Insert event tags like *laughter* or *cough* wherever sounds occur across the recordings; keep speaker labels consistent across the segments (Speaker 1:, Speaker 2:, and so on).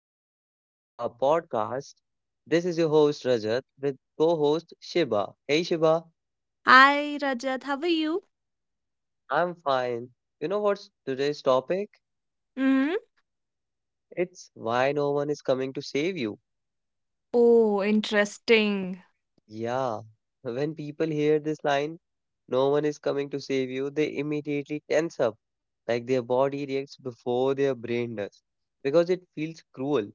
Speaker 1: another episode of our podcast. This is your host Rajat with co host Shiba. Hey, Shiba,
Speaker 2: Hi Rajat, how are you?
Speaker 1: I'm fine. You know what's today's topic?
Speaker 2: hmm
Speaker 1: It's why no one is coming to save you.
Speaker 2: Oh, interesting.
Speaker 1: Yeah, when people hear this line, no one is coming to save you, they immediately tense up, like their body reacts before their brain does, because it feels cruel.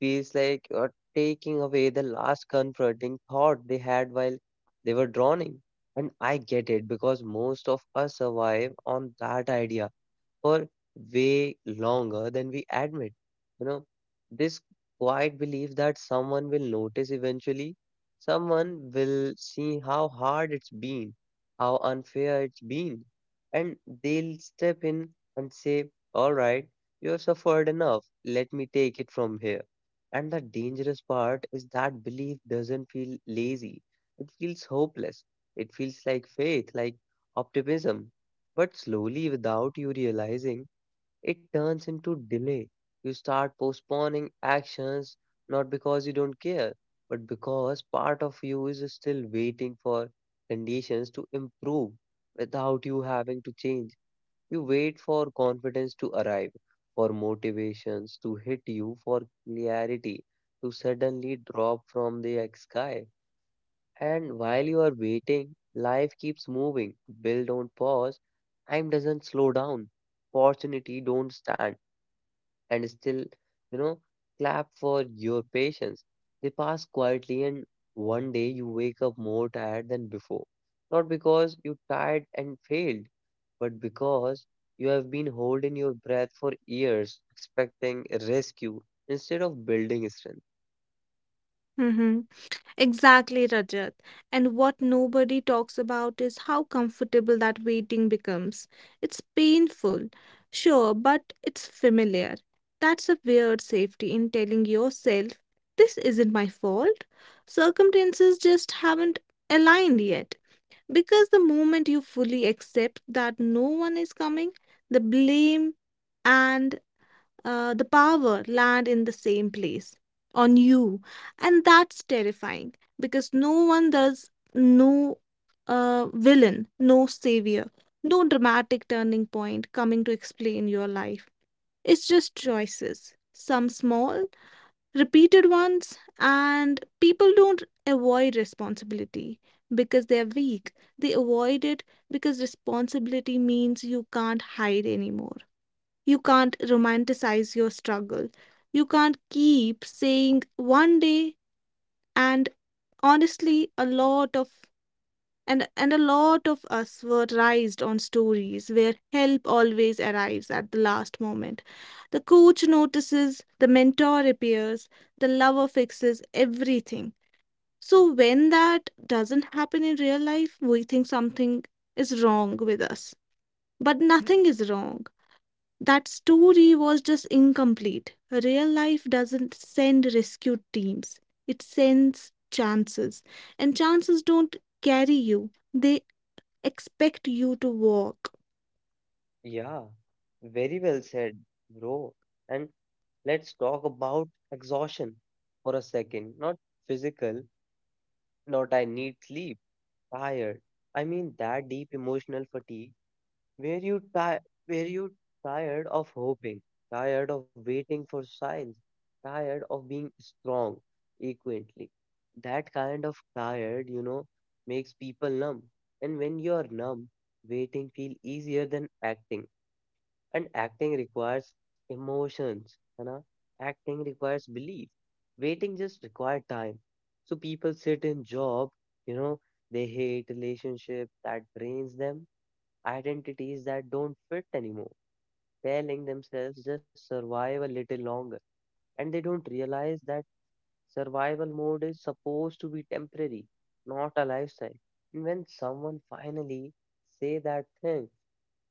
Speaker 1: Feels like you're taking away the last comforting thought they had while they were drowning. And I get it because most of us survive on that idea for way longer than we admit. You know, this quiet belief that someone will notice eventually, someone will see how hard it's been, how unfair it's been, and they'll step in and say, "All right, you have suffered enough, let me take it from here." And the dangerous part is that belief doesn't feel lazy, it feels hopeless, it feels like faith, like optimism, but slowly, without you realizing, it turns into delay. You start postponing actions not because you don't care, but because part of you is still waiting for conditions to improve without you having to change. You wait for confidence to arrive, for motivations to hit you, for clarity to suddenly drop from the sky. And while you are waiting, life keeps moving. Bill don't pause. Time doesn't slow down. Opportunity don't stand and still, you know, clap for your patience. They pass quietly and one day you wake up more tired than before. Not because you tired and failed, but because you have been holding your breath for years, expecting rescue instead of building strength.
Speaker 2: hmm Exactly, Rajat. And what nobody talks about is how comfortable that waiting becomes. It's painful, sure, but it's familiar. That's a weird safety in telling yourself, this isn't my fault. Circumstances just haven't aligned yet. Because the moment you fully accept that no one is coming, the blame and the power land in the same place on you, and that's terrifying because no one does, no villain, no savior, no dramatic turning point coming to explain your life. It's just choices, some small repeated ones. And people don't avoid responsibility because they're weak, they avoid it because responsibility means you can't hide anymore. You can't romanticize your struggle. You can't keep saying one day. And honestly a lot of and and a lot of us were raised on stories where help always arrives at the last moment. The coach notices, the mentor appears, the lover fixes everything. So when that doesn't happen in real life, we think something is wrong with us. But nothing is wrong, that story was just incomplete. Real life doesn't send rescue teams, it sends chances. And chances don't carry you, they expect you to walk.
Speaker 1: Yeah, very well said, bro. And let's talk about exhaustion for a second. Not physical, not I need sleep, tired. I mean that deep emotional fatigue where you ti where you tired of hoping, tired of waiting for signs, tired of being strong equally. That kind of tired, you know, makes people numb. And when you're numb, waiting feel easier than acting. And acting requires emotions, you know. Acting requires belief. Waiting just requires time. So people sit in job, you know, they hate relationship that drains them, identities that don't fit anymore, telling themselves just survive a little longer. And they don't realize that survival mode is supposed to be temporary, not a lifestyle. And when someone finally say that thing,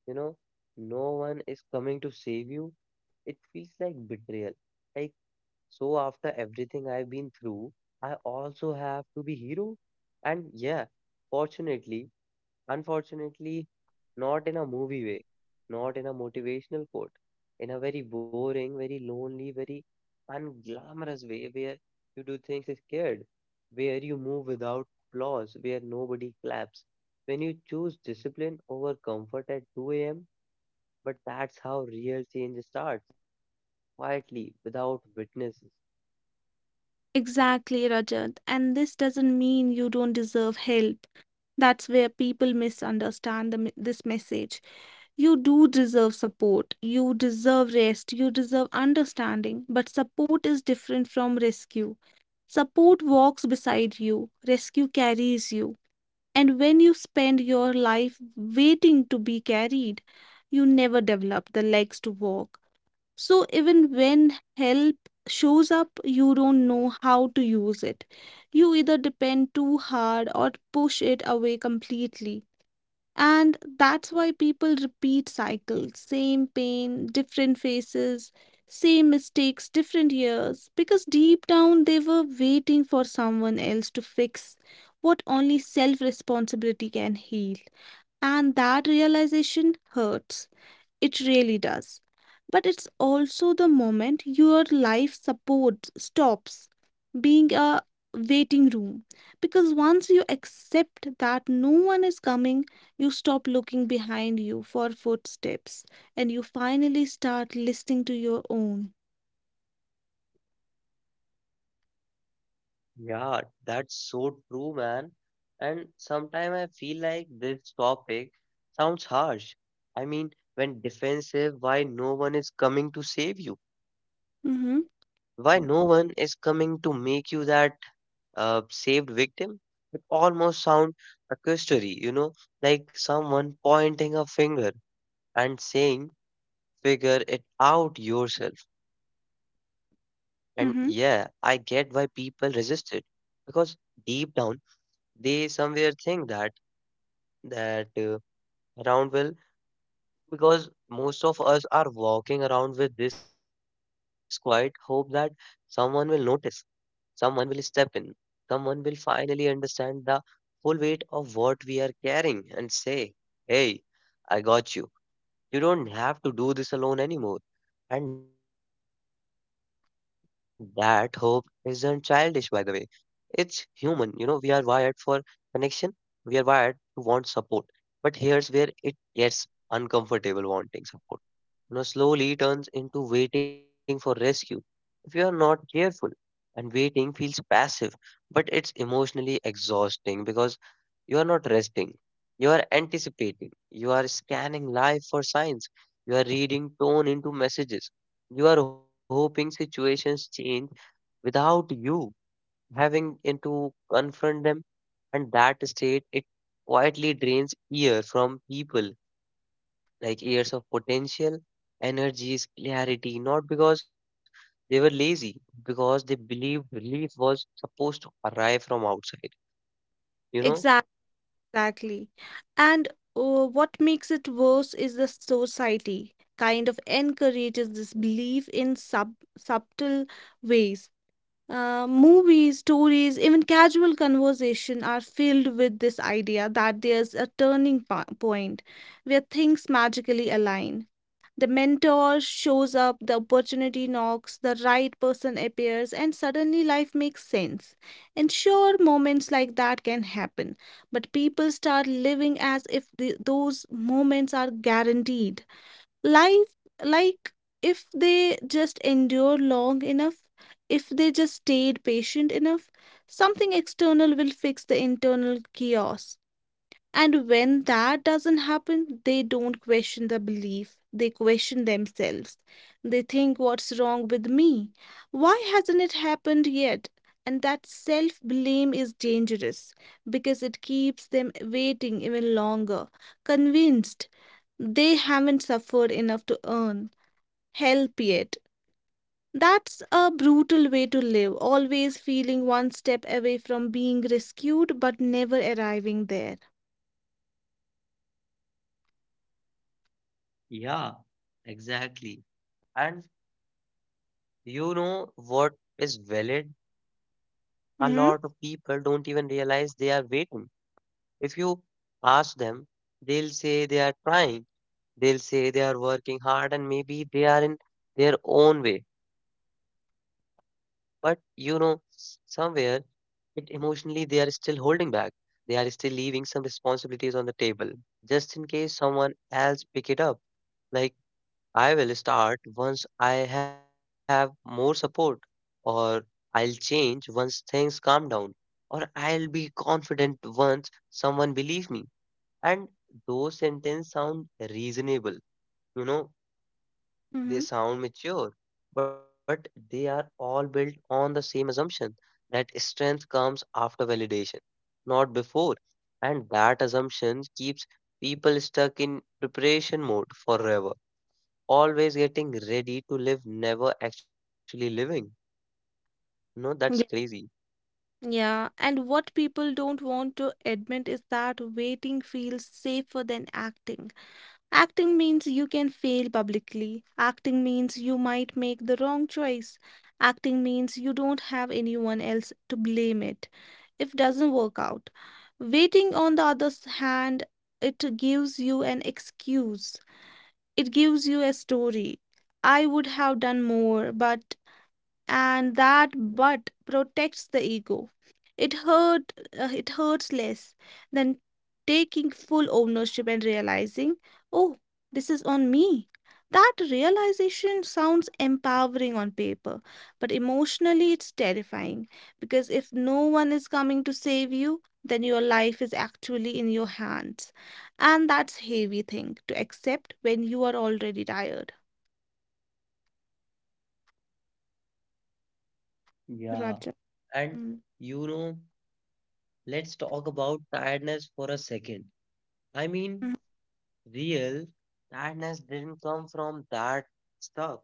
Speaker 1: you know, no one is coming to save you. It feels like betrayal. Like, so after everything I've been through, I also have to be hero. And yeah, fortunately, unfortunately, not in a movie way, not in a motivational quote, in a very boring, very lonely, very unglamorous way where you do things scared, where you move without applause, where nobody claps. When you choose discipline over comfort at 2 a.m., but that's how real change starts, quietly, without witnesses.
Speaker 2: Exactly, Rajat. And this doesn't mean you don't deserve help. That's where people misunderstand this message. You do deserve support, you deserve rest, you deserve understanding, but support is different from rescue. Support walks beside you, rescue carries you. And when you spend your life waiting to be carried, you never develop the legs to walk. So even when help shows up, you don't know how to use it. You either depend too hard or push it away completely. And that's why people repeat cycles: same pain, different faces, same mistakes, different years. Because deep down they were waiting for someone else to fix what only self responsibility can heal. And that realization hurts. It really does. But it's also the moment your life support stops being a waiting room. Because once you accept that no one is coming, you stop looking behind you for footsteps and you finally start listening to your own.
Speaker 1: Yeah, that's so true, man. And sometimes I feel like this topic sounds harsh. I mean, when defensive, why no one is coming to save you?
Speaker 2: Mm-hmm.
Speaker 1: Why no one is coming to make you that saved victim? It almost sounds accusatory, you know, like someone pointing a finger and saying, "Figure it out yourself." And yeah, I get why
Speaker 2: Mm-hmm.
Speaker 1: people resist it because deep down they somewhere think that that uh, around will, because most of us are walking around with this quiet hope that someone will notice, someone will step in, someone will finally understand the full weight of what we are carrying and say, "Hey, I got you. You don't have to do this alone anymore." And that hope isn't childish, by the way. It's human. You know, we are wired for connection, we are wired to want support. But here's where it gets uncomfortable wanting support. You know, slowly turns into waiting for rescue. If you are not careful, and waiting feels passive, but it's emotionally exhausting because you are not resting. You are anticipating. You are scanning life for signs. You are reading tone into messages. You are hoping situations change without you having to confront them. And that state, it quietly drains ear from people, like years of potential, energies, clarity, not because they were lazy, because they believed relief was supposed to arrive from outside, you know?
Speaker 2: Exactly. Exactly. And what makes it worse is the society kind of encourages this belief in subtle ways. Movies, stories, even casual conversation are filled with this idea that there's a point where things magically align. The mentor shows up, the opportunity knocks, the right person appears, and suddenly life makes sense. And sure, moments like that can happen, but people start living as if those moments are guaranteed. Life, like, if they just endure long enough, if they just stayed patient enough, something external will fix the internal chaos. And when that doesn't happen, they don't question the belief, they question themselves. They think, what's wrong with me? Why hasn't it happened yet? And that self blame is dangerous because it keeps them waiting even longer, convinced they haven't suffered enough to earn help yet. That's a brutal way to live, always feeling one step away from being rescued but never arriving there.
Speaker 1: Yeah, exactly. And you know what is valid? A
Speaker 2: Mm-hmm.
Speaker 1: lot of people don't even realize they are waiting. If you ask them, they'll say they are trying, they'll say they are working hard, and maybe they are in their own way. But you know, somewhere it emotionally they are still holding back. They are still leaving some responsibilities on the table just in case someone else pick it up. Like I will start once I have more support, or I'll change once things calm down, or I'll be confident once someone believes me. And those sentences sound reasonable, you know, they
Speaker 2: Mm-hmm.
Speaker 1: sound mature, but they are all built on the same assumption that strength comes after validation, not before. And that assumption keeps people stuck in preparation mode forever, always getting ready to live, never actually living. No, that's
Speaker 2: Yeah.
Speaker 1: crazy.
Speaker 2: Yeah, and what people don't want to admit is that waiting feels safer than acting. Acting means you can fail publicly. Acting means you might make the wrong choice. Acting means you don't have anyone else to blame it if it doesn't work out. Waiting, on the hand, it gives you an excuse. It gives you a story. I would have done more, but. And that but protects the ego. it hurt it hurts less than taking full ownership and realizing, oh, this is on me. That realization sounds empowering on paper, but emotionally it's terrifying, because if no one is coming to save you, then your life is actually in your hands, and that's heavy thing to accept when you are already tired.
Speaker 1: Yeah,
Speaker 2: Roger.
Speaker 1: and
Speaker 2: Mm.
Speaker 1: you know, let's talk about tiredness for a second. I mean, real tiredness didn't come from that stuff.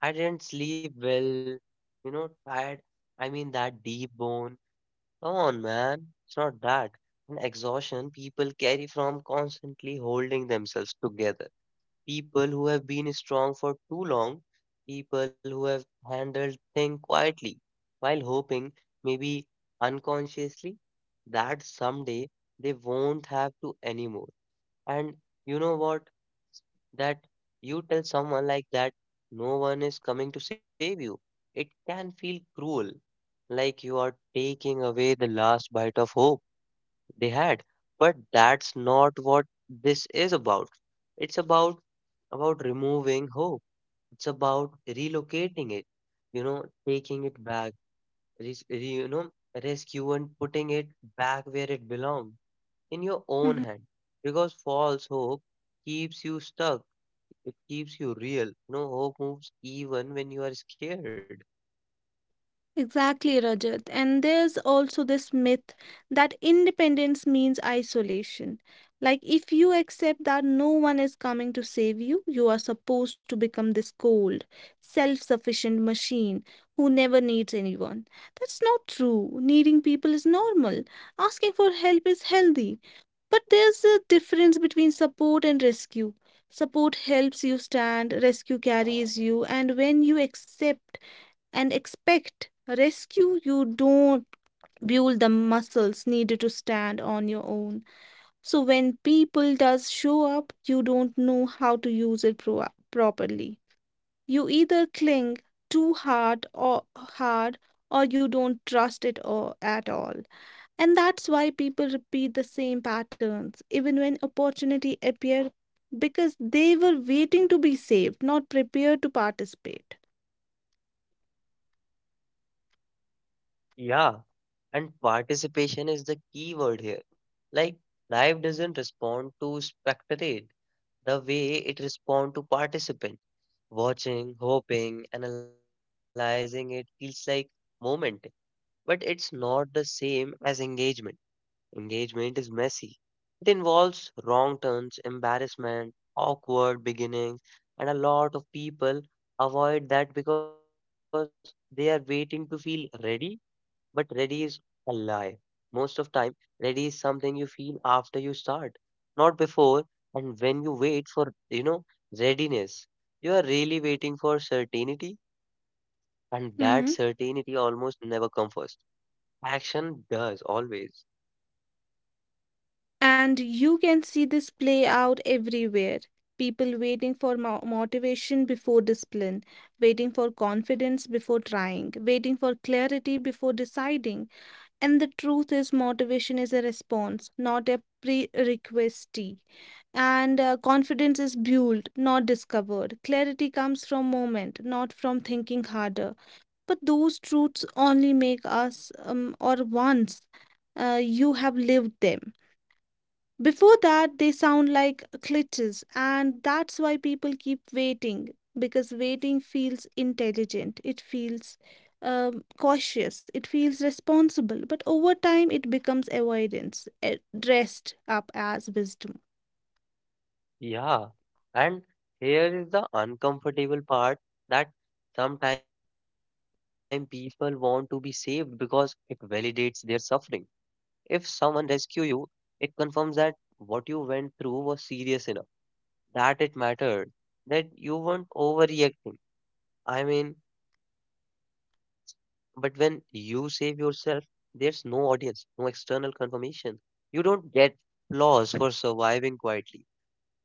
Speaker 1: I didn't sleep well, you know, tired. I mean, that deep bone. Come on, man. It's not that. An exhaustion people carry from constantly holding themselves together. People who have been strong for too long, people who have handled things quietly while hoping, maybe unconsciously, that someday they won't have to anymore. And you know what? That you tell someone like that, no one is coming to save you. It can feel cruel, like you are taking away the last bite of hope they had. But that's not what this is about. It's about removing hope, it's about relocating it, you know, taking it back, you know, rescue and putting it back where it belongs in your own
Speaker 2: Mhm.
Speaker 1: hand. Because false hope keeps you stuck. It keeps you real. You know, hope moves even when you are scared.
Speaker 2: Exactly, Rajat. And there's also this myth that independence means isolation. Like, if you accept that no one is coming to save you, you are supposed to become this cold, self sufficient machine who never needs anyone. That's not true. Needing people is normal, asking for help is healthy. But there's a difference between support and rescue. Support helps you stand, rescue carries you, and when you accept and expect rescue, you don't build the muscles needed to stand on your own. So when people does show up, you don't know how to use it properly. You either cling too hard, or you don't trust it or at all. And that's why people repeat the same patterns even when opportunity appear, because they were waiting to be saved, not prepared to participate.
Speaker 1: Yeah. And participation is the key word here. Like life doesn't respond to spectate the way it responds to participant. Watching, hoping, analyzing it feels like moment, but it's not the same as engagement. Engagement is messy. It involves wrong turns, embarrassment, awkward beginnings, and a lot of people avoid that because they are waiting to feel ready, but ready is a lie. Most of time, ready is something you feel after you start, not before. And when you wait for, you know, readiness, you are really waiting for certainty, and that certainty
Speaker 2: hmm
Speaker 1: almost never comes first. Action does always.
Speaker 2: And you can see this play out everywhere. People waiting for motivation before discipline, waiting for confidence before trying, waiting for clarity before deciding. And the truth is, motivation is a response, not a prerequisite. And confidence is built, not discovered. Clarity comes from moment, not from thinking harder. But those truths only make us or once you have lived them. Before that, they sound like glitches, and that's why people keep waiting, because waiting feels intelligent, it feels cautious, it feels responsible, but over time it becomes avoidance, dressed up as wisdom.
Speaker 1: Yeah. And here is the uncomfortable part that sometimes people want to be saved because it validates their suffering. If someone rescue you, it confirms that what you went through was serious enough, that it mattered, that you weren't overreacting. I mean, but when you save yourself, there's no audience, no external confirmation. You don't get applause for surviving quietly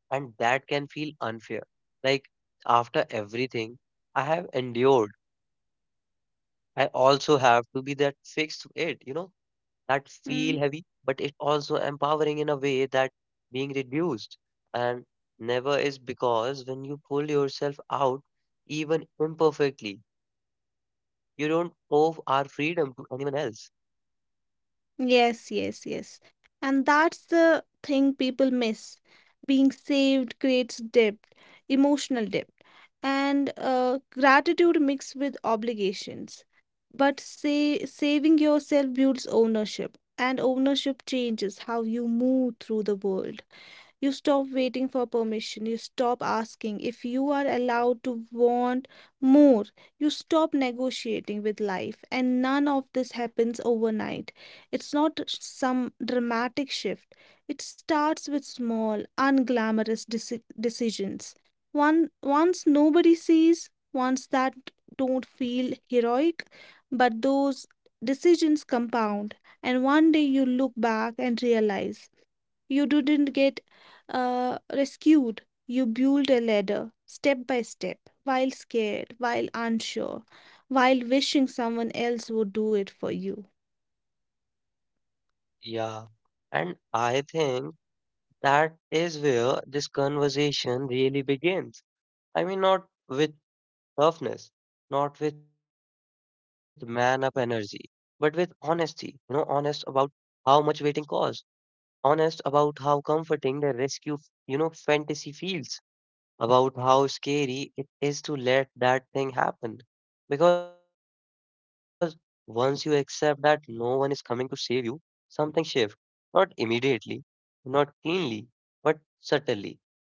Speaker 1: and that can feel unfair. Like after everything I have endured, I also have to be that fixed it, you know, that feel heavy, but
Speaker 2: Hmm?
Speaker 1: it also empowering in a way that being reduced and never is because when you pull yourself out, even imperfectly, you don't owe our freedom to anyone else.
Speaker 2: Yes, yes, yes. And that's the thing people miss. Being saved creates depth, emotional depth, and gratitude mixed with obligations. But say, saving yourself builds ownership, and ownership changes how you move through the world. You stop waiting for permission. You stop asking if you are allowed to want more. You stop negotiating with life. And none of this happens overnight. It's not some dramatic shift. It starts with small, unglamorous decisions. One, once nobody sees, ones that don't feel heroic, but those decisions compound. And one day you look back and realize you didn't get rescued. You built a ladder step by step, while scared, while unsure, while wishing someone else would do it for you.
Speaker 1: Yeah. And I think that is where this conversation really begins. I mean, not with toughness, not with man up energy, but with honesty. You know, honest about how much waiting costs, honest about how comforting the rescue, you know, fantasy feels, about how scary it is to let that thing happen. Because once you accept that no one is coming to save you, something shifts. Not immediately, not cleanly, but subtly,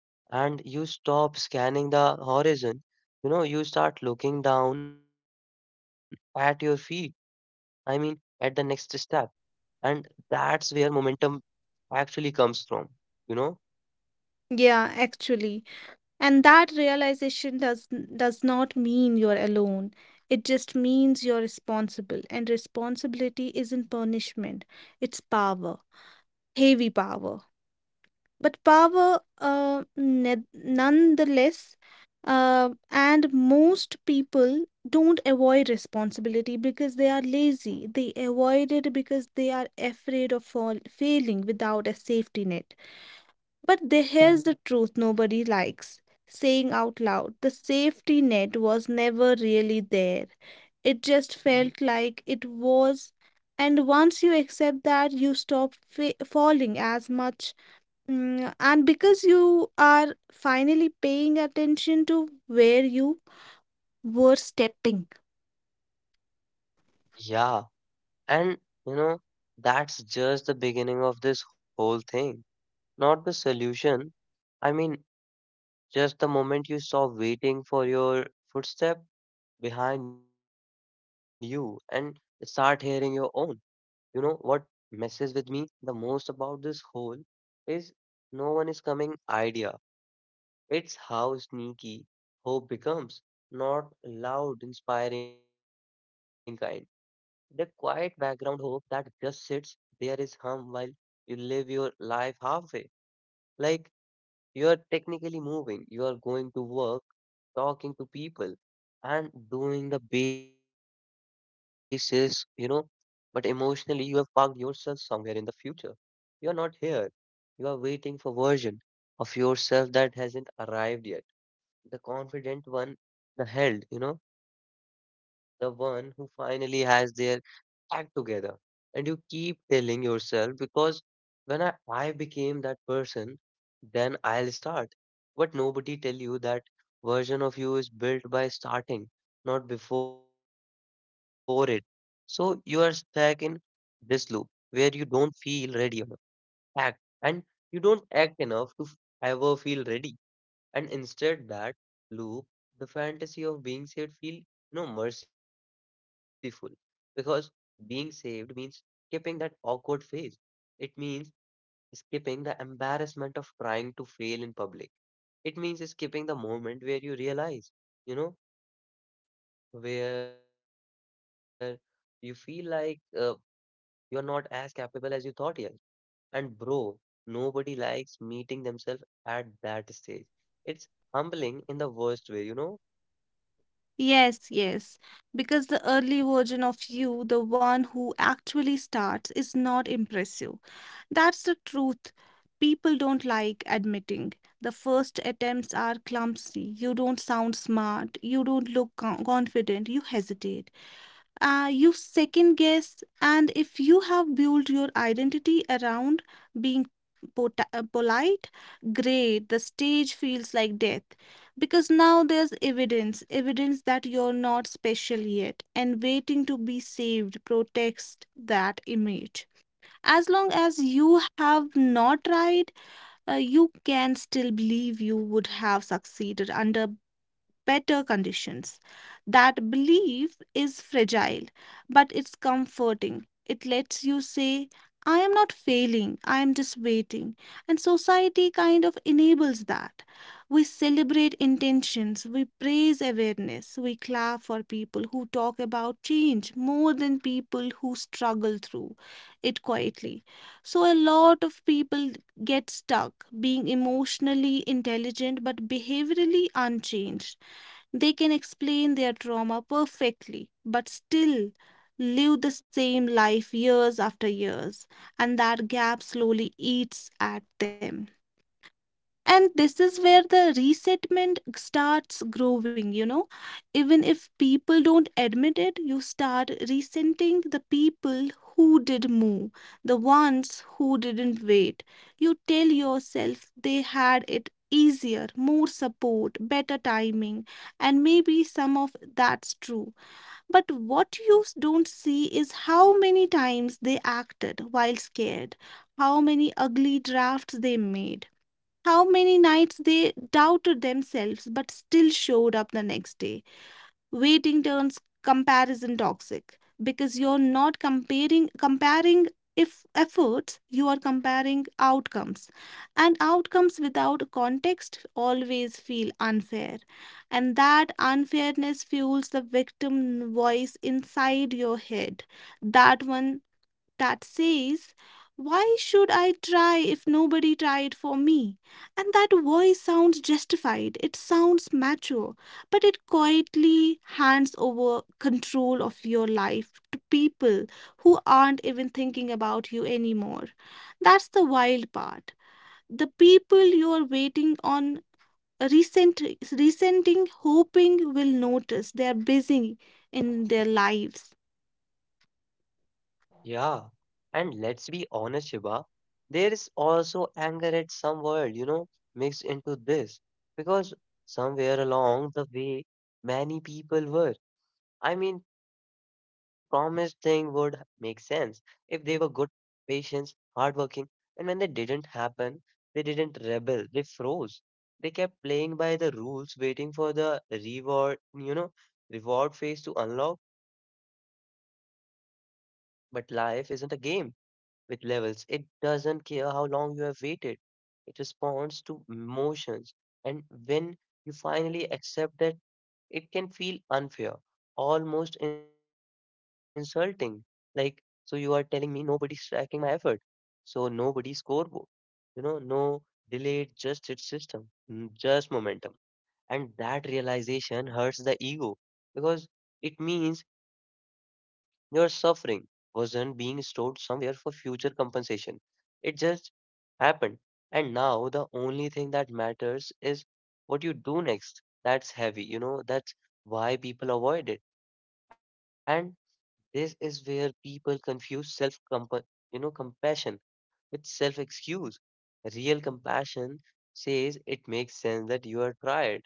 Speaker 1: and you stop scanning the horizon. You know, you start looking down at your feet. I mean, at the next step. And that's where momentum actually comes from. You know?
Speaker 2: Yeah, actually. And that realization does not mean you're alone. It just means you're responsible, and responsibility isn't punishment, it's power, heavy power. But power nonetheless. And most people don't avoid responsibility because they are lazy, they avoid it because they are afraid of failing without a safety net. But the, here's the truth nobody likes saying out loud: the safety net was never really there, it just felt like it was. And once you accept that, you stop falling as much. And because you are finally paying attention to where you were stepping.
Speaker 1: Yeah. And, you know, that's just the beginning of this whole thing. Not the solution. I mean, just the moment you stop waiting for your footstep behind you and start hearing your own. You know what messes with me the most about this whole is no one is coming idea. It's how sneaky hope becomes, not loud, inspiring kind. The quiet background hope that just sits there is hum while you live your life halfway. Like you are technically moving, you are going to work, talking to people, and doing the basis, you know, but emotionally you have parked yourself somewhere in the future. You are not here. You are waiting for version of yourself that hasn't arrived yet. The confident one, the held, the one who finally has their act together. And you keep telling yourself, because when I became that person, then I'll start. But nobody tell you that version of you is built by starting, not before it. So you are stuck in this loop where you don't feel ready enough act and you don't act enough to ever feel ready. And instead that loop, the fantasy of being saved feel no merciful. Because being saved means skipping that awkward phase. It means skipping the embarrassment of trying to fail in public. It means skipping the moment where you realize, you know, where you feel like you are not as capable as you thought you. And bro, nobody likes meeting themselves at that stage. It's humbling in the worst way, you know.
Speaker 2: Yes, yes. Because the early version of you, the one who actually starts, is not impressive. That's the truth. People don't like admitting. The first attempts are clumsy. You don't sound smart. You don't look confident. You hesitate. You second guess, and if you have built your identity around being polite, great, the stage feels like death, because now there's evidence that you're not special yet, and waiting to be saved protects that image. As long as you have not tried, you can still believe you would have succeeded under better conditions. That belief is fragile, but it's comforting. It lets you say, I am not failing, I am just waiting. And society kind of enables that. We celebrate intentions, we praise awareness, we clap for people who talk about change more than people who struggle through it quietly. So, a lot of people get stuck being emotionally intelligent but behaviorally unchanged. They can explain their trauma perfectly, but still live the same life years after years, and that gap slowly eats at them. And this is where the resentment starts growing, you know. Even if people don't admit it, you start resenting the people who did move, the ones who didn't wait. You tell yourself they had it easier, more support, better timing, and maybe some of that's true. But what you don't see is how many times they acted while scared, how many ugly drafts they made, how many nights they doubted themselves but still showed up the next day. Waiting turns comparison toxic because you're not comparing if efforts, you are comparing outcomes, and outcomes without context always feel unfair. And that unfairness fuels the victim voice inside your head, that one that says, why should I try if nobody tried for me? And that voice sounds justified, it sounds mature, but it quietly hands over control of your life to people who aren't even thinking about you anymore. That's the wild part. The people you're waiting on. Resent, Resenting, hoping will notice, they are busy in their lives.
Speaker 1: Yeah, and let's be honest, Shiba, there is also anger at some world, you know, mixed into this. Because somewhere along the way, many people were, I mean, promised thing would make sense if they were good, patient, hardworking, and when they didn't happen, they didn't rebel, they froze. They kept playing by the rules, waiting for the reward, you know, reward phase to unlock. But life isn't a game with levels. It doesn't care how long you have waited. It responds to emotions. And when you finally accept that, it can feel unfair, almost insulting. Like, so you are telling me nobody's tracking my effort. So nobody scoreboard. You know, no delayed, just its system, just momentum. And that realization hurts the ego because it means your suffering wasn't being stored somewhere for future compensation. It just happened. And now the only thing that matters is what you do next. That's heavy, you know, that's why people avoid it. And this is where people confuse self compa you know, compassion with self excuse. Real compassion says it makes sense that you are tired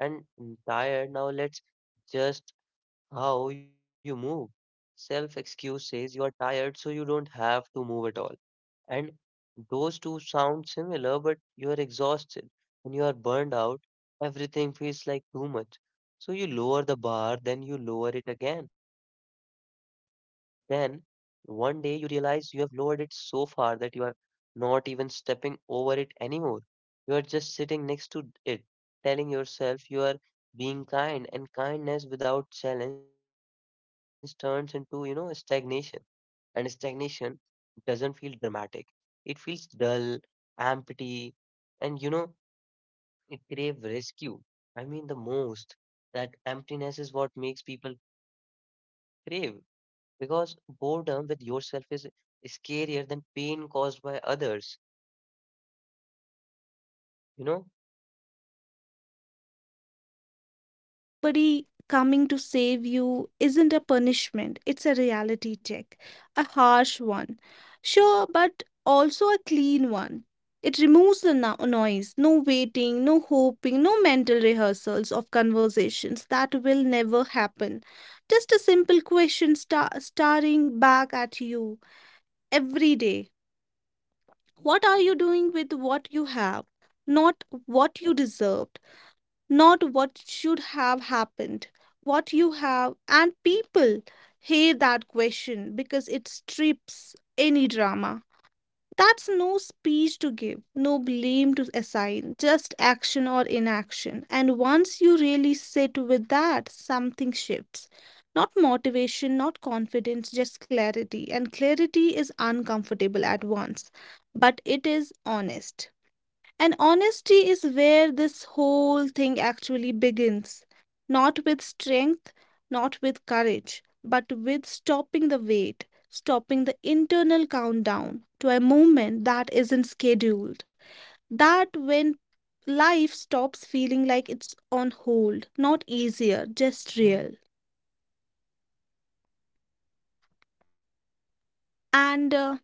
Speaker 1: and tired. Now let's just how you move. Self excuse says you are tired, so you don't have to move at all. And those two sound similar, but you are exhausted and you are burned out. Everything feels like too much. So you lower the bar, then you lower it again, then one day you realize you have lowered it so far that you are not even stepping over it anymore. You are just sitting next to it, telling yourself you are being kind, and kindness without challenge turns into, you know, stagnation. And stagnation doesn't feel dramatic. It feels dull, empty, and you know, it crave rescue. I mean, the most that emptiness is what makes people crave. Because boredom with yourself is scarier than pain caused by others, you know?
Speaker 2: Nobody coming to save you isn't a punishment, it's a reality check, a harsh one. Sure, but also a clean one. It removes the noise, no waiting, no hoping, no mental rehearsals of conversations that will never happen. Just a simple staring back at you every day. What are you doing with what you have? Not what you deserved, not what should have happened, what you have. And people hate that question because it strips any drama. That's no speech to give, no blame to assign, just action or inaction. And once you really sit with that, something shifts. Not motivation, not confidence, just clarity. And clarity is uncomfortable at once, but it is honest. And honesty is where this whole thing actually begins. Not with strength, not with courage, but with stopping the wait, stopping the internal countdown to a moment that isn't scheduled. That when life stops feeling like it's on hold, not easier, just real. And uh,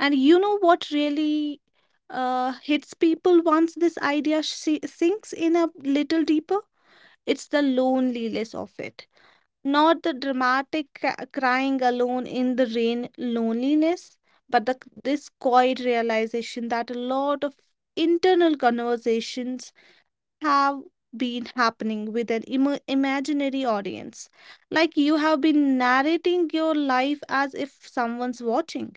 Speaker 2: and you know what really hits people once this sinks in a little deeper? It's the loneliness of it, not the dramatic crying alone in the rain loneliness, but this quiet realization that a lot of internal conversations have been happening with an imaginary audience. Like you have been narrating your life as if someone's watching,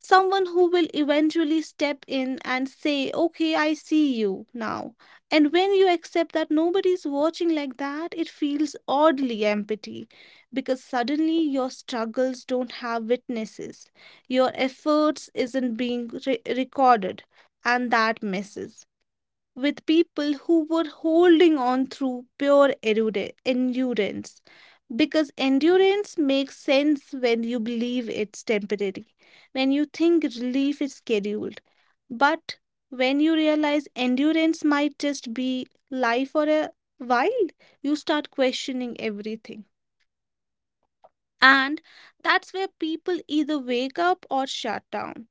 Speaker 2: someone who will eventually step in and say, "Okay, I see you now." And when you accept that nobody's watching like that, it feels oddly empty because suddenly your struggles don't have witnesses. Your efforts isn't being recorded, and that messes with people who were holding on through pure endurance. Because endurance makes sense when you believe it's temporary, when you think relief is scheduled. But when you realize endurance might just be life for a while, you start questioning everything. And that's where people either wake up or shut down.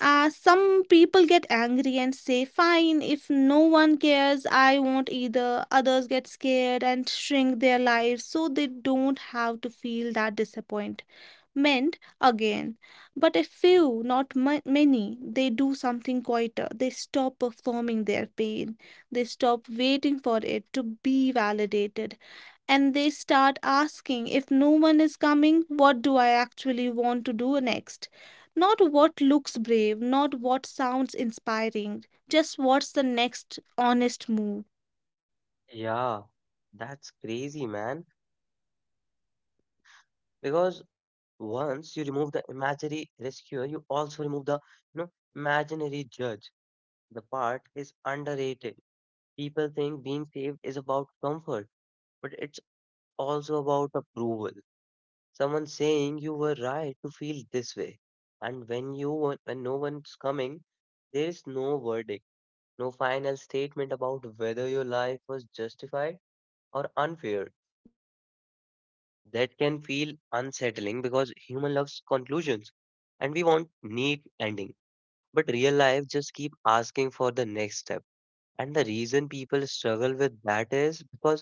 Speaker 2: Some people get angry and say, "Fine, if no one cares, I won't either." Others get scared and shrink their lives so they don't have to feel that disappointment meant again. But a few, not ma- many, they do something quieter. They stop performing their pain. They stop waiting for it to be validated. And they start asking, if no one is coming, what do I actually want to do next? Not what looks brave, not what sounds inspiring, just what's the next honest move.
Speaker 1: Yeah, that's crazy, man. Because once you remove the imaginary rescuer, you also remove the, you know, imaginary judge. The part is underrated. People think being saved is about comfort, but it's also about approval. Someone saying you were right to feel this way. And when when no one's coming, there is no verdict, no final statement about whether your life was justified or unfair. That can feel unsettling because human loves conclusions and we want neat ending. But real life just keep asking for the next step. And the reason people struggle with that is because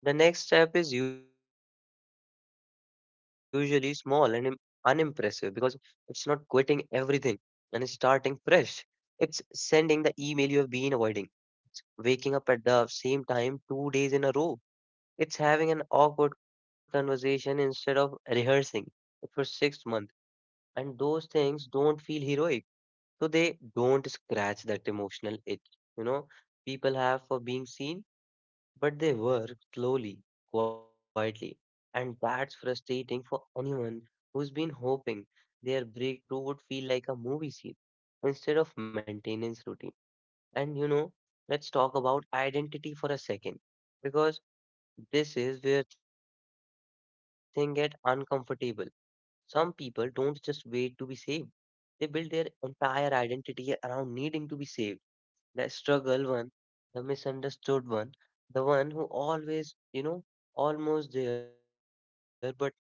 Speaker 1: the next step is usually small and unimpressive, because it's not quitting everything and it's starting fresh. It's sending the email you have been avoiding, waking up at the same time 2 days in a row. It's having an awkward conversation instead of rehearsing it for 6 months. And those things don't feel heroic, so they don't scratch that emotional itch, you know, people have for being seen, but they work slowly, quietly, and that's frustrating for anyone who's been hoping their breakthrough would feel like a movie scene instead of maintenance routine. And you know, let's talk about identity for a second, because this is where things get uncomfortable. Some people don't just wait to be saved, they build their entire identity around needing to be saved: the struggle one, the misunderstood one, the one who always, you know, almost there but never quit makes.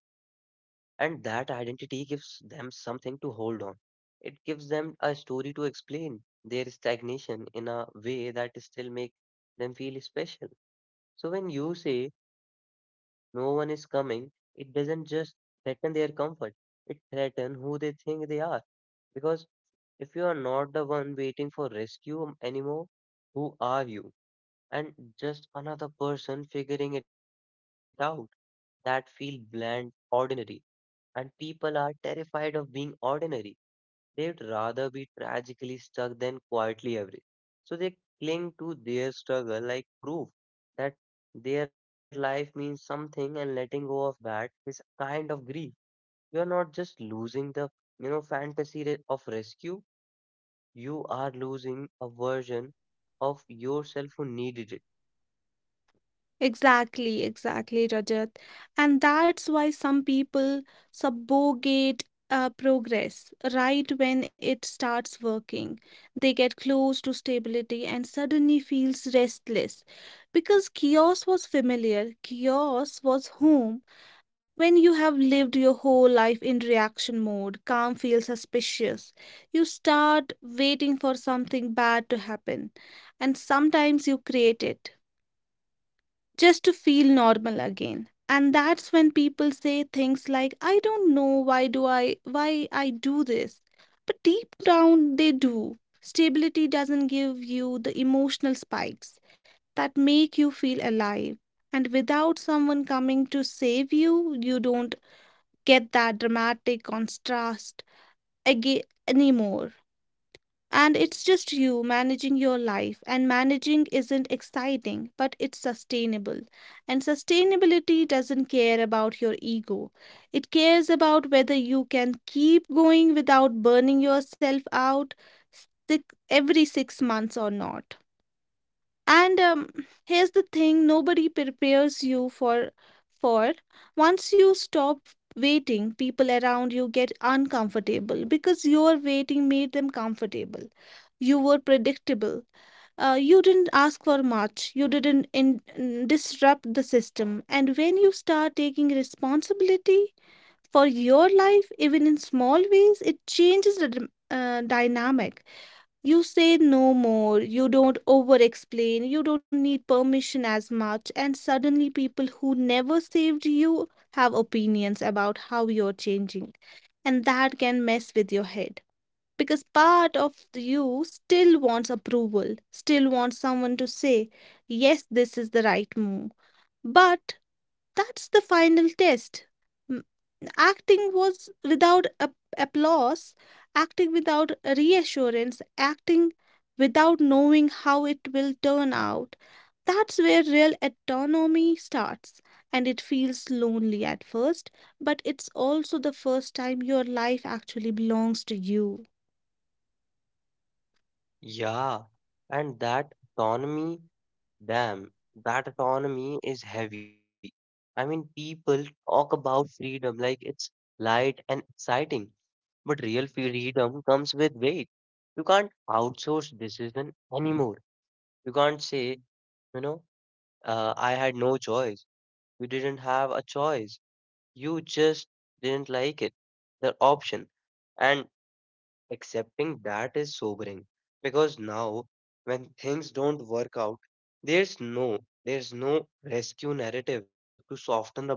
Speaker 1: And that identity gives them something to hold on. It gives them a story to explain their stagnation in a way that still make them feel special. So when you say no one is coming, it doesn't just threaten their comfort. It threatens who they think they are, because if you are not the one waiting for rescue anymore, who are you? And just another person figuring it out. That feel bland, ordinary, and people are terrified of being ordinary. They'd rather be tragically stuck than quietly average. So they cling to their struggle like proof that their life means something, and letting go of that is kind of grief. You are not just losing the, you know, of rescue, you are losing a version of yourself who needed it.
Speaker 2: Exactly, exactly, Rajat. And that's why some people subogate progress right when it starts working. They get close to stability and suddenly feels restless because chaos was familiar. Chaos was home. When you have lived your whole life in reaction mode, calm feels suspicious. You start waiting for something bad to happen, and sometimes you create it just to feel normal again. And that's when people say things like, "I don't know why do I, why I do this." But deep down they do. Stability doesn't give you the emotional spikes that make you feel alive, and without someone coming to save you, you don't get that dramatic contrast again anymore. And it's just you managing your life, and managing isn't exciting, but it's sustainable. And sustainability doesn't care about your ego, it cares about whether you can keep going without burning yourself out six, every six months or not. And here's the thing nobody prepares you for once you stop waiting. People around you get uncomfortable because your waiting made them comfortable. You were predictable. You didn't ask for much, you didn't disrupt the system. And when you start taking responsibility for your life, even in small ways, it changes the dynamic. You say no more, you don't over explain, you don't need permission as much, and suddenly people who never saved you have opinions about how you're changing. And that can mess with your head because part of you still wants approval, still wants someone to say, yes, this is the right move. But that's the final test. M- Acting was without applause, acting without reassurance, acting without knowing how it will turn out. That's where real autonomy starts, and it feels lonely at first, but it's also the first time your life actually belongs to you.
Speaker 1: Yeah, and that autonomy, damn, that autonomy is heavy. I mean, people talk about freedom like it's light and exciting, but real freedom comes with weight. You can't outsource decision anymore. You can't say, you know, I had no choice. You didn't have a choice. You just didn't like it, the option. And accepting that is sobering, because now when things don't work out, there's no, there's no rescue narrative to soften the blow.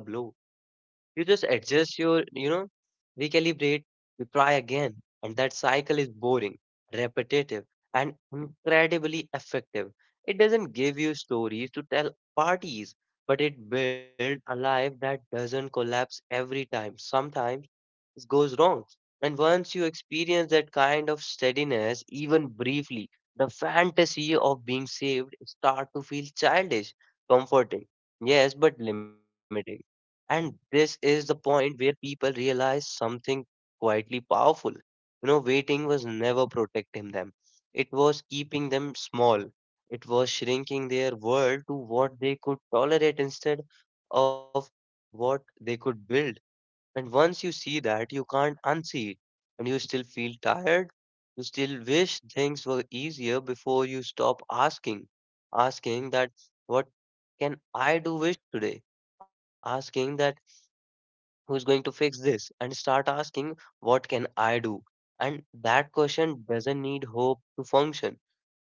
Speaker 1: You just adjust your, recalibrate, you try again, and that cycle is boring, repetitive, and incredibly effective. It doesn't give you stories to tell parties, but it builds a life that doesn't collapse every time. Sometimes goes wrong. And once you experience that kind of steadiness, even briefly, the fantasy of being saved start to feel childish, comforting, yes, but limiting. And this is the point where people realize something quietly powerful. You know, waiting was never protecting them. It was keeping them small. It was shrinking their world to what they could tolerate instead of what they could build. And once you see that, you can't unsee it. And you still feel tired. You still wish things were easier before you stop asking. Asking that, what can I do with today? Asking that, who's going to fix this? And start asking, what can I do? And that question doesn't need hope to function.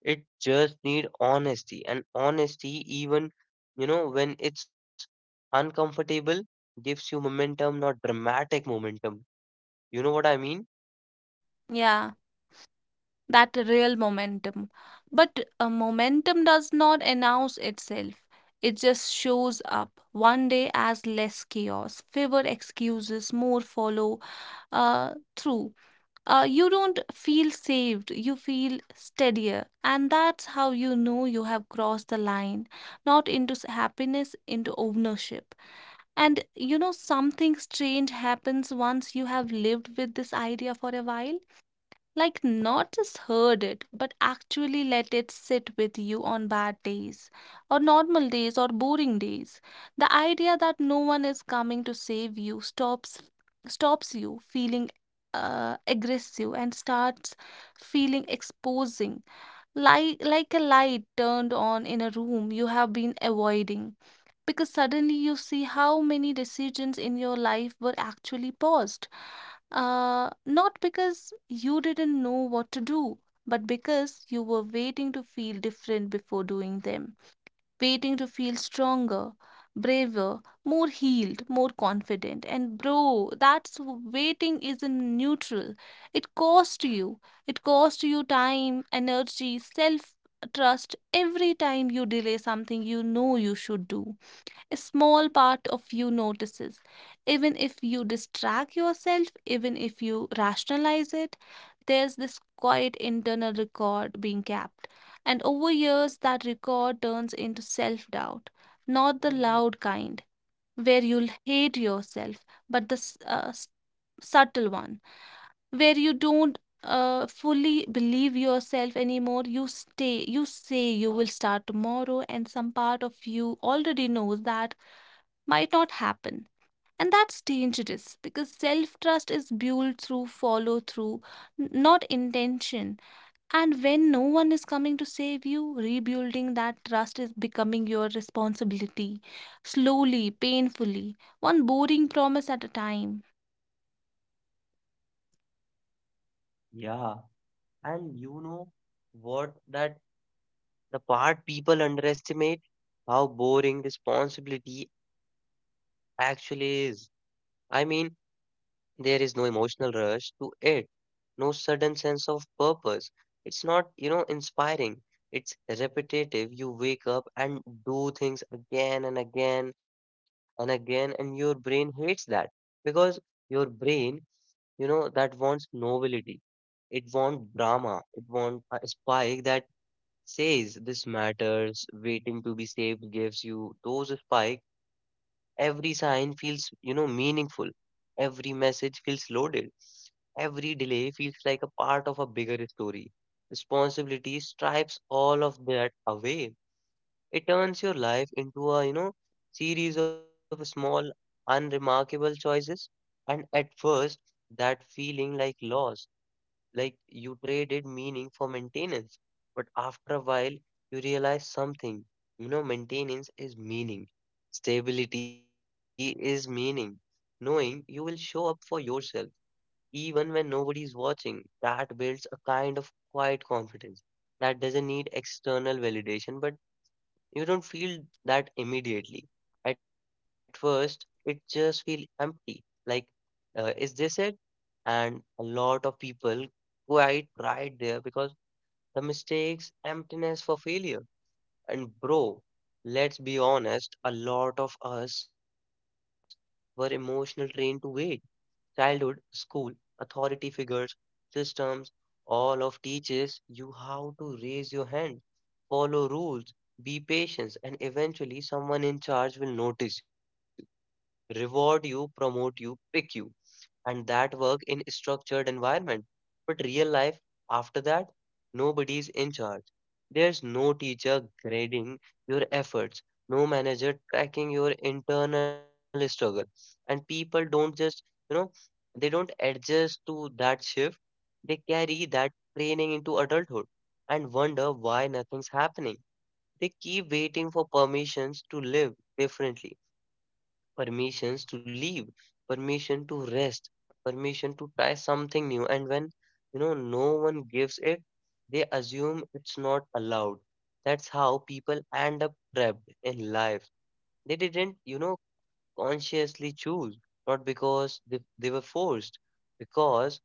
Speaker 1: It just need honesty, and honesty, even you know when it's uncomfortable, gives you momentum, not dramatic momentum. You know what I mean?
Speaker 2: Yeah, that real momentum. But a momentum does not announce itself. It just shows up one day as less chaos, fewer excuses, more follow through. You don't feel saved, you feel steadier. And that's how you know you have crossed the line, not into happiness, into ownership. And you know, something strange happens once you have lived with this idea for a while, like, not just heard it, but actually let it sit with you on bad days, or normal days, or boring days. The idea that no one is coming to save you stops you feeling aggressive and starts feeling exposing, like a light turned on in a room you have been avoiding, because suddenly you see how many decisions in your life were actually paused. Not because you didn't know what to do, but because you were waiting to feel different before doing them, waiting to feel stronger, braver, more healed, more confident. And bro, that's waiting isn't neutral. It cost you. It cost you time, energy, self trust. Every time you delay something you know you should do, a small part of you notices. Even if you distract yourself, even if you rationalize it, there's this quiet internal record being kept. And over years, that record turns into self doubt, not the loud kind, where you'll hate yourself, but the subtle one, where you don't fully believe yourself anymore. You stay, you say you will start tomorrow, and some part of you already knows that might not happen. And that's dangerous because self trust is built through follow through, not intention. And when no one is coming to save you, rebuilding that trust is becoming your responsibility. Slowly, painfully, one boring promise at a time.
Speaker 1: Yeah. And you know what that the part people underestimate how boring responsibility actually is. I mean, there is no emotional rush to it, no sudden sense of purpose. It's not, you know, inspiring. It's repetitive. You wake up and do things again and again and again, and your brain hates that, because your brain, you know, that wants novelty. It wants drama. It wants a spike that says this matters. Waiting to be saved gives you those spike. Every sign feels, you know, meaningful. Every message feels loaded. Every delay feels like a part of a bigger story. Responsibility stripes all of that away. It turns your life into a, series of small, unremarkable choices. And at first, that feeling like loss, like you traded meaning for maintenance. But after a while, you realize something. You know, maintenance is meaning. Stability is meaning. Knowing you will show up for yourself even when nobody is watching, that builds a kind of quiet confidence that doesn't need external validation, but you don't feel that immediately. At first, it just feels empty. Like, is this it? And a lot of people quite right there, because the mistakes, emptiness for failure. And bro, let's be honest, a lot of us were emotional trained to wait. Childhood, school, authority figures, systems, all of teaches you how to raise your hand, follow rules, be patient, and eventually someone in charge will notice you, reward you, promote you, pick you, and that work in structured environment. But real life after that, nobody's in charge. There's no teacher grading your efforts, no manager tracking your internal struggle. And people don't just, you know, they don't adjust to that shift. They carry that training into adulthood and wonder why nothing's happening. They keep waiting for permissions to live differently, permissions to leave, permission to rest, permission to try something new. And when you know no one gives it, they assume it's not allowed. That's how people end up trapped in life. They didn't, you know, consciously choose, not because they were forced, because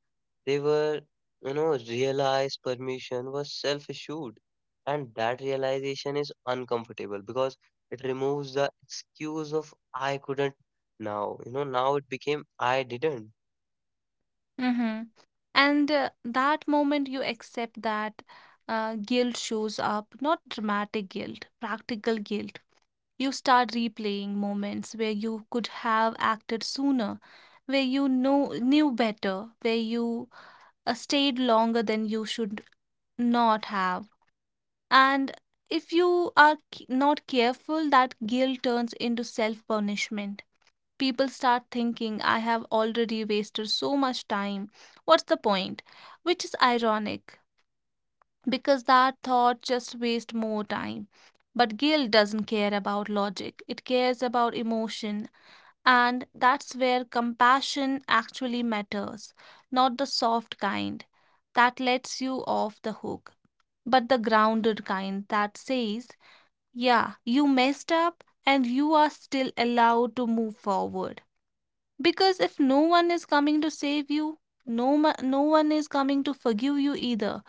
Speaker 1: they were, realized permission was self issued. And that realization is uncomfortable, because it removes the excuse of I couldn't now. You know, now it became I didn't.
Speaker 2: Hmm. And that moment you accept that, guilt shows up, not dramatic guilt, practical guilt. You start replaying moments where you could have acted sooner, where you know knew better, where you stayed longer than you should not have. And if you are not careful, that guilt turns into self punishment. People start thinking, I have already wasted so much time, what's the point? Which is ironic because that thought just wastes more time. But guilt doesn't care about logic, it cares about emotion, and that's where compassion actually matters, not the soft kind that lets you off the hook, but the grounded kind that says, yeah, you messed up and you are still allowed to move forward. Because if no one is coming to save you, no one is coming to forgive you either.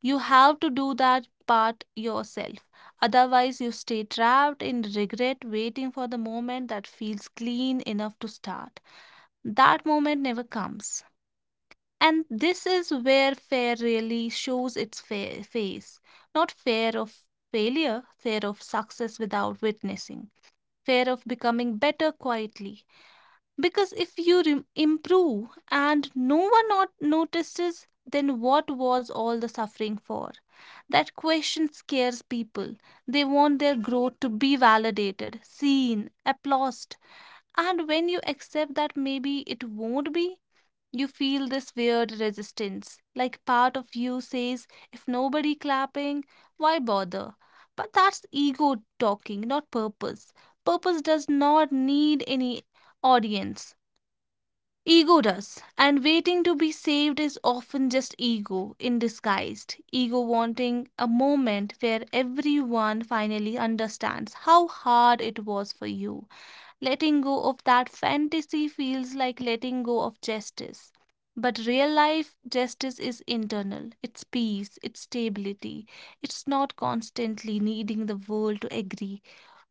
Speaker 2: You have to do that part yourself. Otherwise, you stay trapped in regret, waiting for the moment that feels clean enough to start. That moment never comes. And this is where fear really shows its face. Not fear of failure, fear of success without witnessing, fear of becoming better quietly, because if you rem improve and no one not notices, then what was all the suffering for? That question scares people. They want their growth to be validated, seen, applauded. And when you accept that maybe it won't be, you feel this weird resistance, like part of you says, if nobody clapping, why bother? But that's ego talking, not purpose. Purpose does not need any audience. Ego does, and waiting to be saved is often just ego in disguise. Ego wanting a moment where everyone finally understands how hard it was for you. Letting go of that fantasy feels like letting go of justice. But real life justice is internal, it's peace, it's stability. It's not constantly needing the world to agree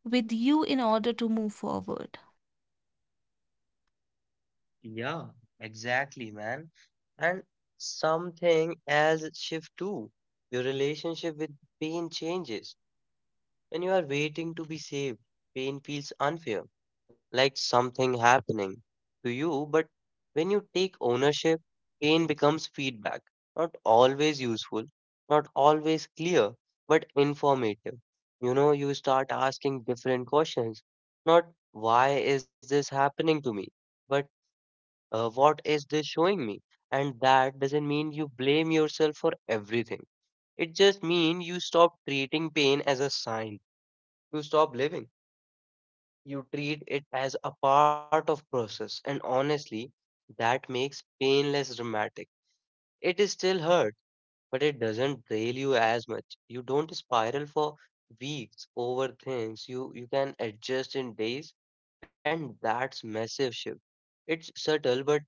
Speaker 2: with you in order to move forward.
Speaker 1: Yeah, exactly, man. And something else shift too. Your relationship with pain changes. When you are waiting to be saved, pain feels unfair, like something happening to you. But when you take ownership, pain becomes feedback, not always useful, not always clear, but informative. You know, you start asking different questions, not why is this happening to me, but what is this showing me? And that doesn't mean you blame yourself for everything. It just means you stop treating pain as a sign you stop living. You treat it as a part of process, and honestly, that makes pain less dramatic. It is still hurt, but it doesn't drain you as much. You don't spiral for weeks over things. You can adjust in days, and that's massive shift. It's subtle, but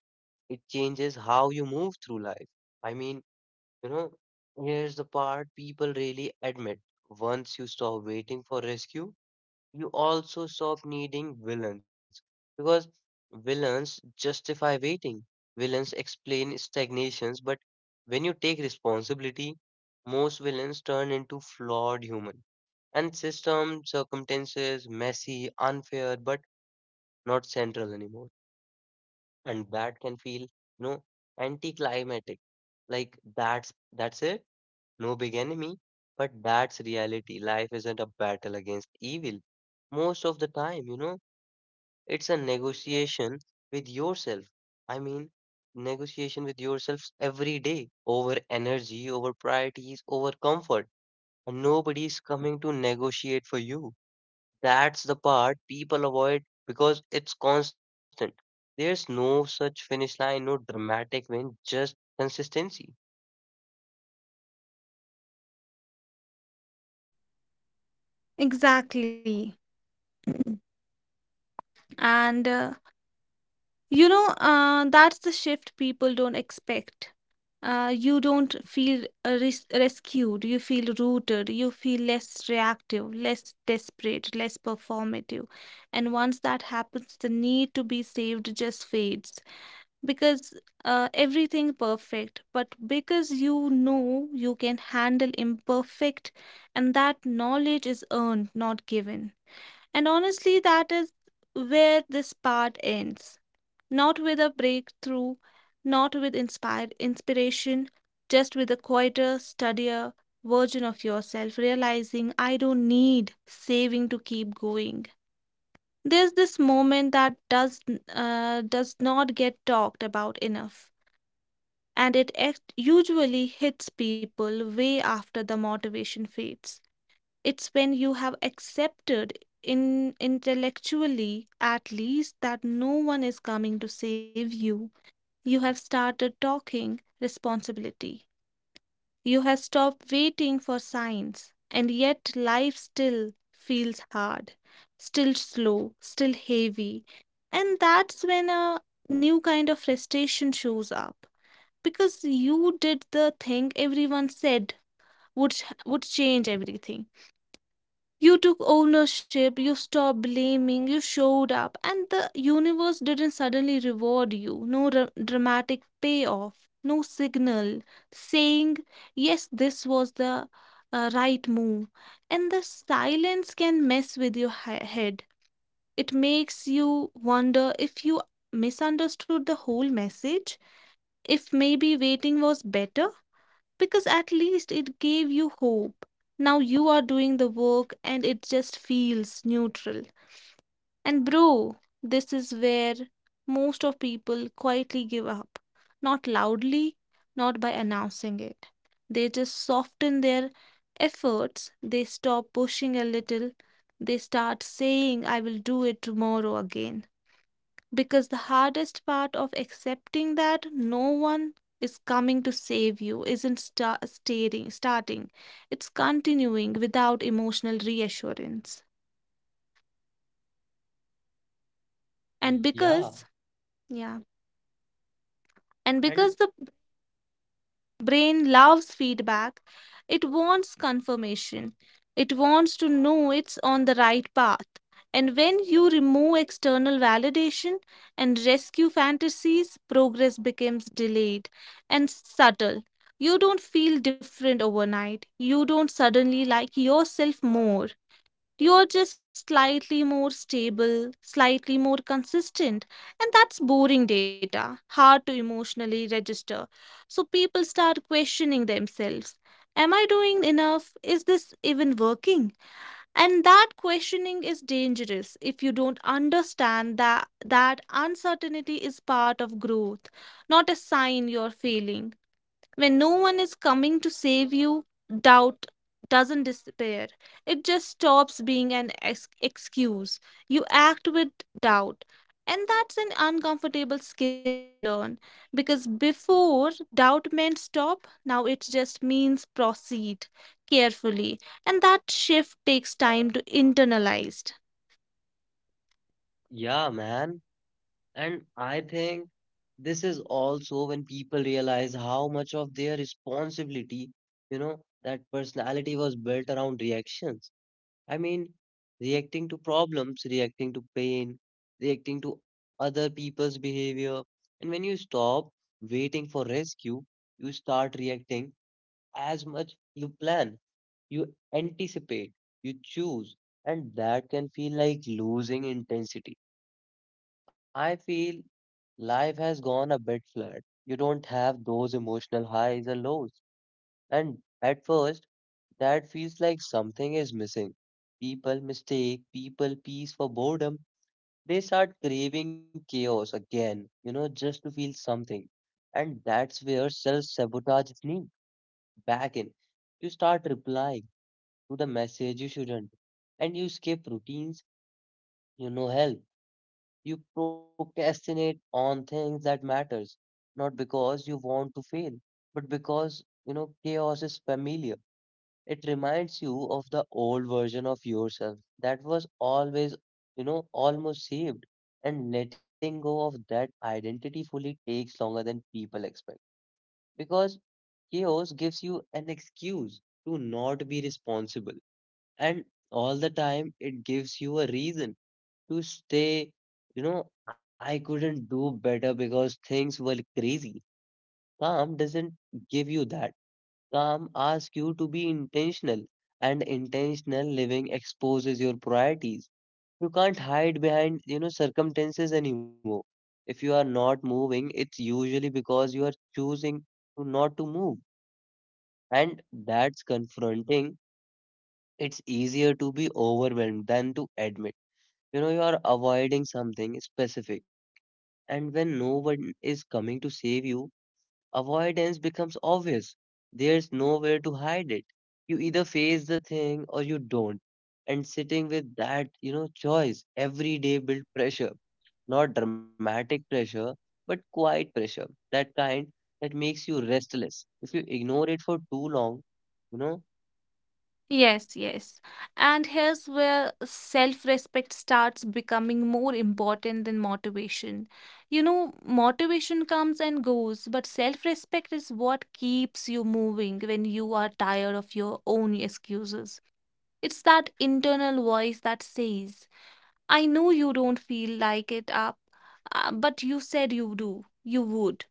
Speaker 1: it changes how you move through life. I mean, you know, Here's the part people really admit. Once you stop waiting for rescue, you also stop needing villains, because villains justify waiting. Villains explain stagnations, but when you take responsibility, most villains turn into flawed human and system circumstances messy, unfair, but not central anymore. And that can feel, you know, anticlimactic. Like that's it, no big enemy, but that's reality. Life isn't a battle against evil most of the time, you know. It's a negotiation with yourself. I mean, negotiation with yourself every day, over energy, over priorities, over comfort. And nobody is coming to negotiate for you. That's the part people avoid, because it's constant. There's no such finish line, no dramatic win, just consistency.
Speaker 2: Exactly. *clears throat* And uh, that's the shift people don't expect. You don't feel rescued, you feel rooted, you feel less reactive, less desperate, less performative. And once that happens, the need to be saved just fades, because everything perfect, but because you know you can handle imperfect, and that knowledge is earned, not given. And honestly, that is where this part ends, not with a breakthrough, not with inspired inspiration, just with a quieter, steadier version of yourself, realizing I don't need saving to keep going. There's this moment that does not get talked about enough, and it usually hits people way after the motivation fades. It's when you have accepted in intellectually at least that no one is coming to save you, you have started talking responsibility. You have stopped waiting for signs, and yet life still feels hard, still slow, still heavy. And that's when a new kind of frustration shows up because you did the thing everyone said would would change everything. You took ownership, you stopped blaming, you showed up, and the universe didn't suddenly reward you. No dramatic payoff, no signal saying, yes, this was the right move. And the silence can mess with your head. It makes you wonder if you misunderstood the whole message, if maybe waiting was better because at least it gave you hope. Now you are doing the work and it just feels neutral. And bro, this is where most of people quietly give up. Not loudly, not by announcing it. They just soften their efforts, they stop pushing a little, they start saying, I will do it tomorrow again because the hardest part of accepting that no one is coming to save you isn't starting, it's continuing without emotional reassurance. and because yeah and
Speaker 1: And
Speaker 2: because the brain loves feedback, it wants confirmation, it wants to know it's on the right path. And when you remove external validation and rescue fantasies, progress becomes delayed and subtle. You don't feel different overnight, you don't suddenly like yourself more, you're just slightly more stable, slightly more consistent, and that's boring data, hard to emotionally register. So people start questioning themselves. Am I doing enough? Is this even working? And that questioning is dangerous if you don't understand that uncertainty is part of growth, not a sign you're failing. When no one is coming to save you, doubt doesn't disappear. It just stops being an excuse. You act with doubt. And that's an uncomfortable skill to learn because before doubt meant stop, now it just means proceed carefully. And that shift takes time to internalize.
Speaker 1: yeah, man. And I think this is also when people realize how much of their responsibility, you know, that personality was built around reactions. I mean, reacting to problems, reacting to pain, reacting to other people's behavior. And when you stop waiting for rescue, you start reacting as much you plan, you anticipate, you choose. And that can feel like losing intensity. I feel life has gone a bit flat. You don't have those emotional highs or lows. And at first, that feels like something is missing. People mistake people peace for boredom. They start craving chaos again, you know, just to feel something. And that's where self sabotage sneaks back in. You start replying to the message you shouldn't, and you skip routines you know help. You procrastinate on things that matters, not because you want to fail, but because, you know, chaos is familiar. It reminds you of the old version of yourself that was always, you know, almost saved. And letting go of that identity fully takes longer than people expect. Because chaos gives you an excuse to not be responsible. And all the time, it gives you a reason to stay, you know, I couldn't do better because things were crazy. Calm doesn't give you that. Calm asks you to be intentional, and intentional living exposes your priorities. You can't hide behind, you know, circumstances anymore. If you are not moving, it's usually because you are choosing to not to move. And that's confronting. It's easier to be overwhelmed than to admit, you know, you are avoiding something specific. And when no one is coming to save you, avoidance becomes obvious. There's nowhere to hide it. You either face the thing or you don't. And sitting with that, you know, choice every day build pressure. Not dramatic pressure, but quiet pressure. That kind that makes you restless. If you ignore it for too long, you know,
Speaker 2: Yes, yes. And here's where self respect starts becoming more important than motivation. You know, motivation comes and goes, but self respect is what keeps you moving when you are tired of your own excuses. It's that internal voice that says, I know you don't feel like it up, but you said you do, you would.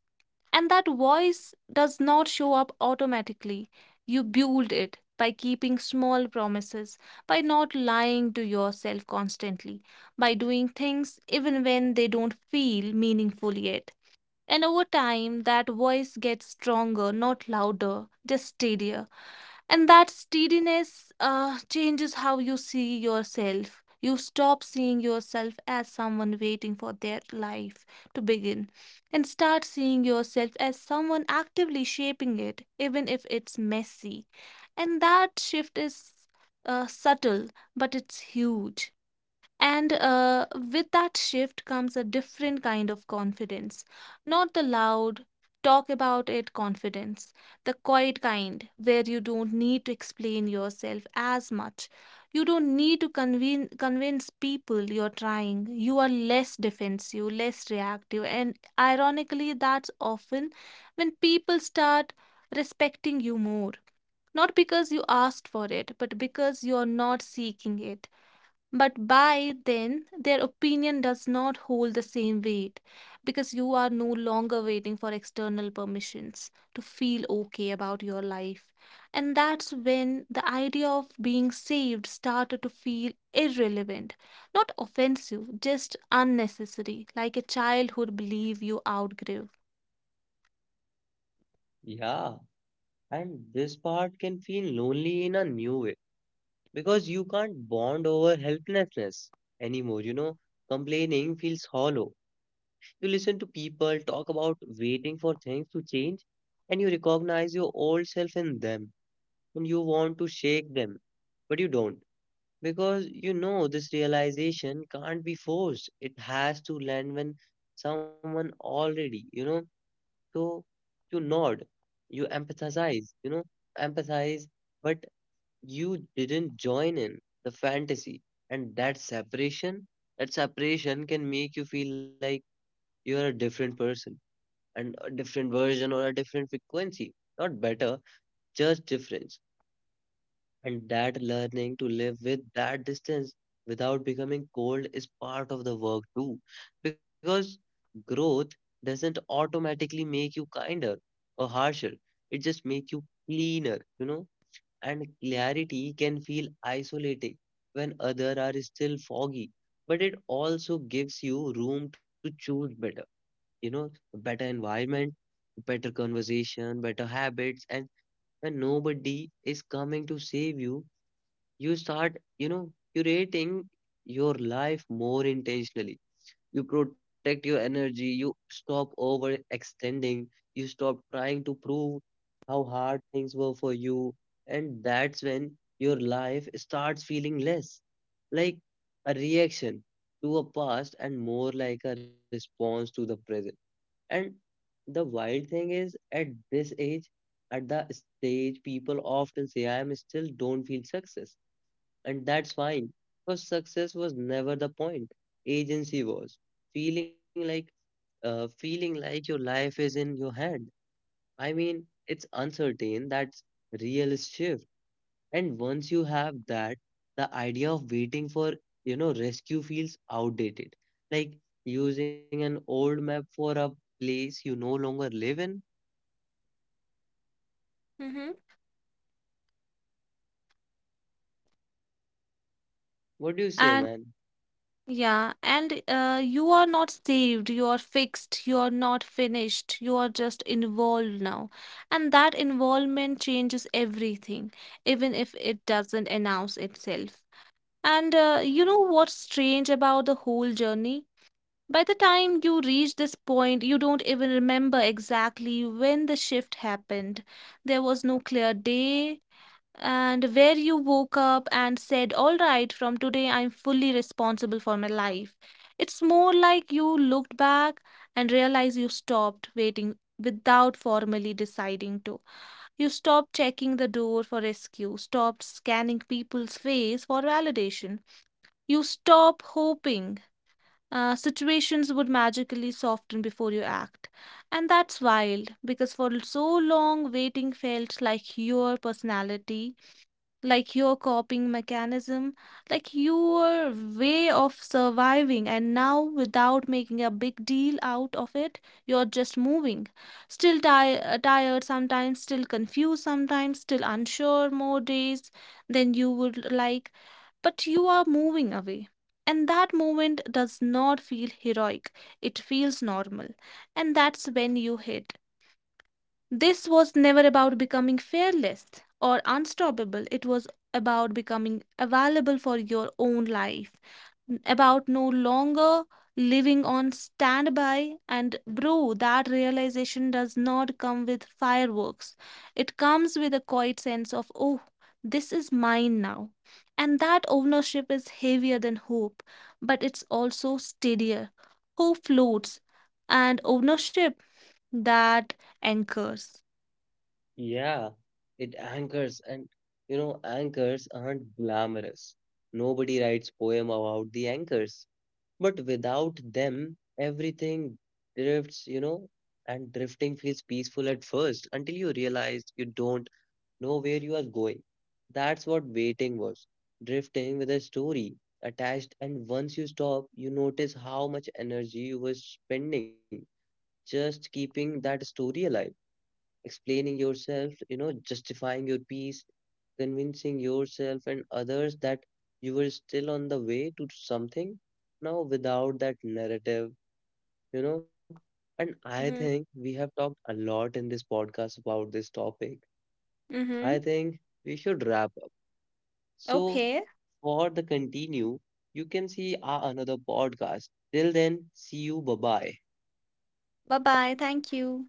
Speaker 2: And that voice does not show up automatically. You build it by keeping small promises, by not lying to yourself constantly, by doing things even when they don't feel meaningful yet. And over time, that voice gets stronger, not louder, just steadier. And that steadiness changes how you see yourself. You stop seeing yourself as someone waiting for their life to begin and start seeing yourself as someone actively shaping it, even if it's messy. And that shift is subtle, but it's huge. And with that shift comes a different kind of confidence. Not the loud, talk about it confidence, the quiet kind, where you don't need to explain yourself as much. You don't need to convince people you're trying. You are less defensive, less reactive. And ironically, that's often when people start respecting you more. Not because you asked for it, but because you're not seeking it. But by then, their opinion does not hold the same weight because you are no longer waiting for external permissions to feel okay about your life. And that's when the idea of being saved started to feel irrelevant, not offensive, just unnecessary, like a childhood belief you outgrew.
Speaker 1: yeah. And this part can feel lonely in a new way, because you can't bond over helplessness anymore. You know, complaining feels hollow. You listen to people talk about waiting for things to change, and you recognize your old self in them, and you want to shake them, but you don't. Because you know this realization can't be forced. It has to land when someone already, you know, so you nod, you empathize, you know, empathize, but you didn't join in the fantasy, and that separation, that separation can make you feel like you are a different person and a different version or a different frequency, not better, just difference. And that learning to live with that distance without becoming cold is part of the work too, because growth doesn't automatically make you kinder or harsher, it just makes you cleaner, you know. And clarity can feel isolating when others are still foggy, but it also gives you room to choose better, you know, better environment, better conversation, better habits. And when nobody is coming to save you, you start, you know, curating your life more intentionally. You protect your energy, you stop overextending, you stop trying to prove how hard things were for you, and that's when your life starts feeling less like a reaction to a past and more like a response to the present. And the wild thing is, at this age, at the stage, people often say, I am still don't feel success, and that's fine. Because success was never the point. Agency was. Feeling like feeling like your life is in your hand. I mean, it's uncertain. That's real shift. And once you have that, the idea of waiting for, you know, rescue feels outdated. Like using an old map for a place you no longer live in.
Speaker 2: Mhm.
Speaker 1: What do you say,
Speaker 2: And
Speaker 1: man?
Speaker 2: Yeah, and you are not saved, you are fixed, you are not finished, you are just involved now. And that involvement changes everything, even if it doesn't announce itself. And you know what's strange about the whole journey? By the time you reach this point, you don't even remember exactly when the shift happened. There was no clear day, and where you woke up and said, All right, from today I'm fully responsible for my life. It's more like you looked back and realized you stopped waiting without formally deciding to. You stopped checking the door for rescue, stopped scanning people's face for validation. You stop hoping. Situations would magically soften before you act. And that's wild because for so long, waiting felt like your personality, like your coping mechanism, like your way of surviving, and now without making a big deal out of it, you're just moving. Still ti tired sometimes, still confused sometimes, still unsure more days than you would like, but you are moving away. And that movement does not feel heroic, it feels normal. And that's when you hit. This was never about becoming fearless or unstoppable. It was about becoming available for your own life, about no longer living on standby. And, bro, that realization does not come with fireworks. It comes with a quiet sense of, oh, this is mine now. And that ownership is heavier than hope, but it's also steadier. Hope floats, and ownership, that anchors.
Speaker 1: Yeah, it anchors, and you know, anchors aren't glamorous. Nobody writes poem about the anchors, but without them, everything drifts, you know, and drifting feels peaceful at first, until you realize you don't know where you are going. That's what waiting was. Drifting with a story attached, and once you stop, you notice how much energy you were spending just keeping that story alive, explaining yourself, you know, justifying your peace, convincing yourself and others that you were still on the way to something now, without that narrative, you know. And I think
Speaker 2: Mm-hmm.
Speaker 1: we have talked a lot in this podcast about this topic.
Speaker 2: Mm-hmm.
Speaker 1: I think we should wrap up. So,
Speaker 2: Okay.
Speaker 1: for the continue, you can see our another podcast. Till then, see you. Bye bye.
Speaker 2: Bye-bye. Thank you.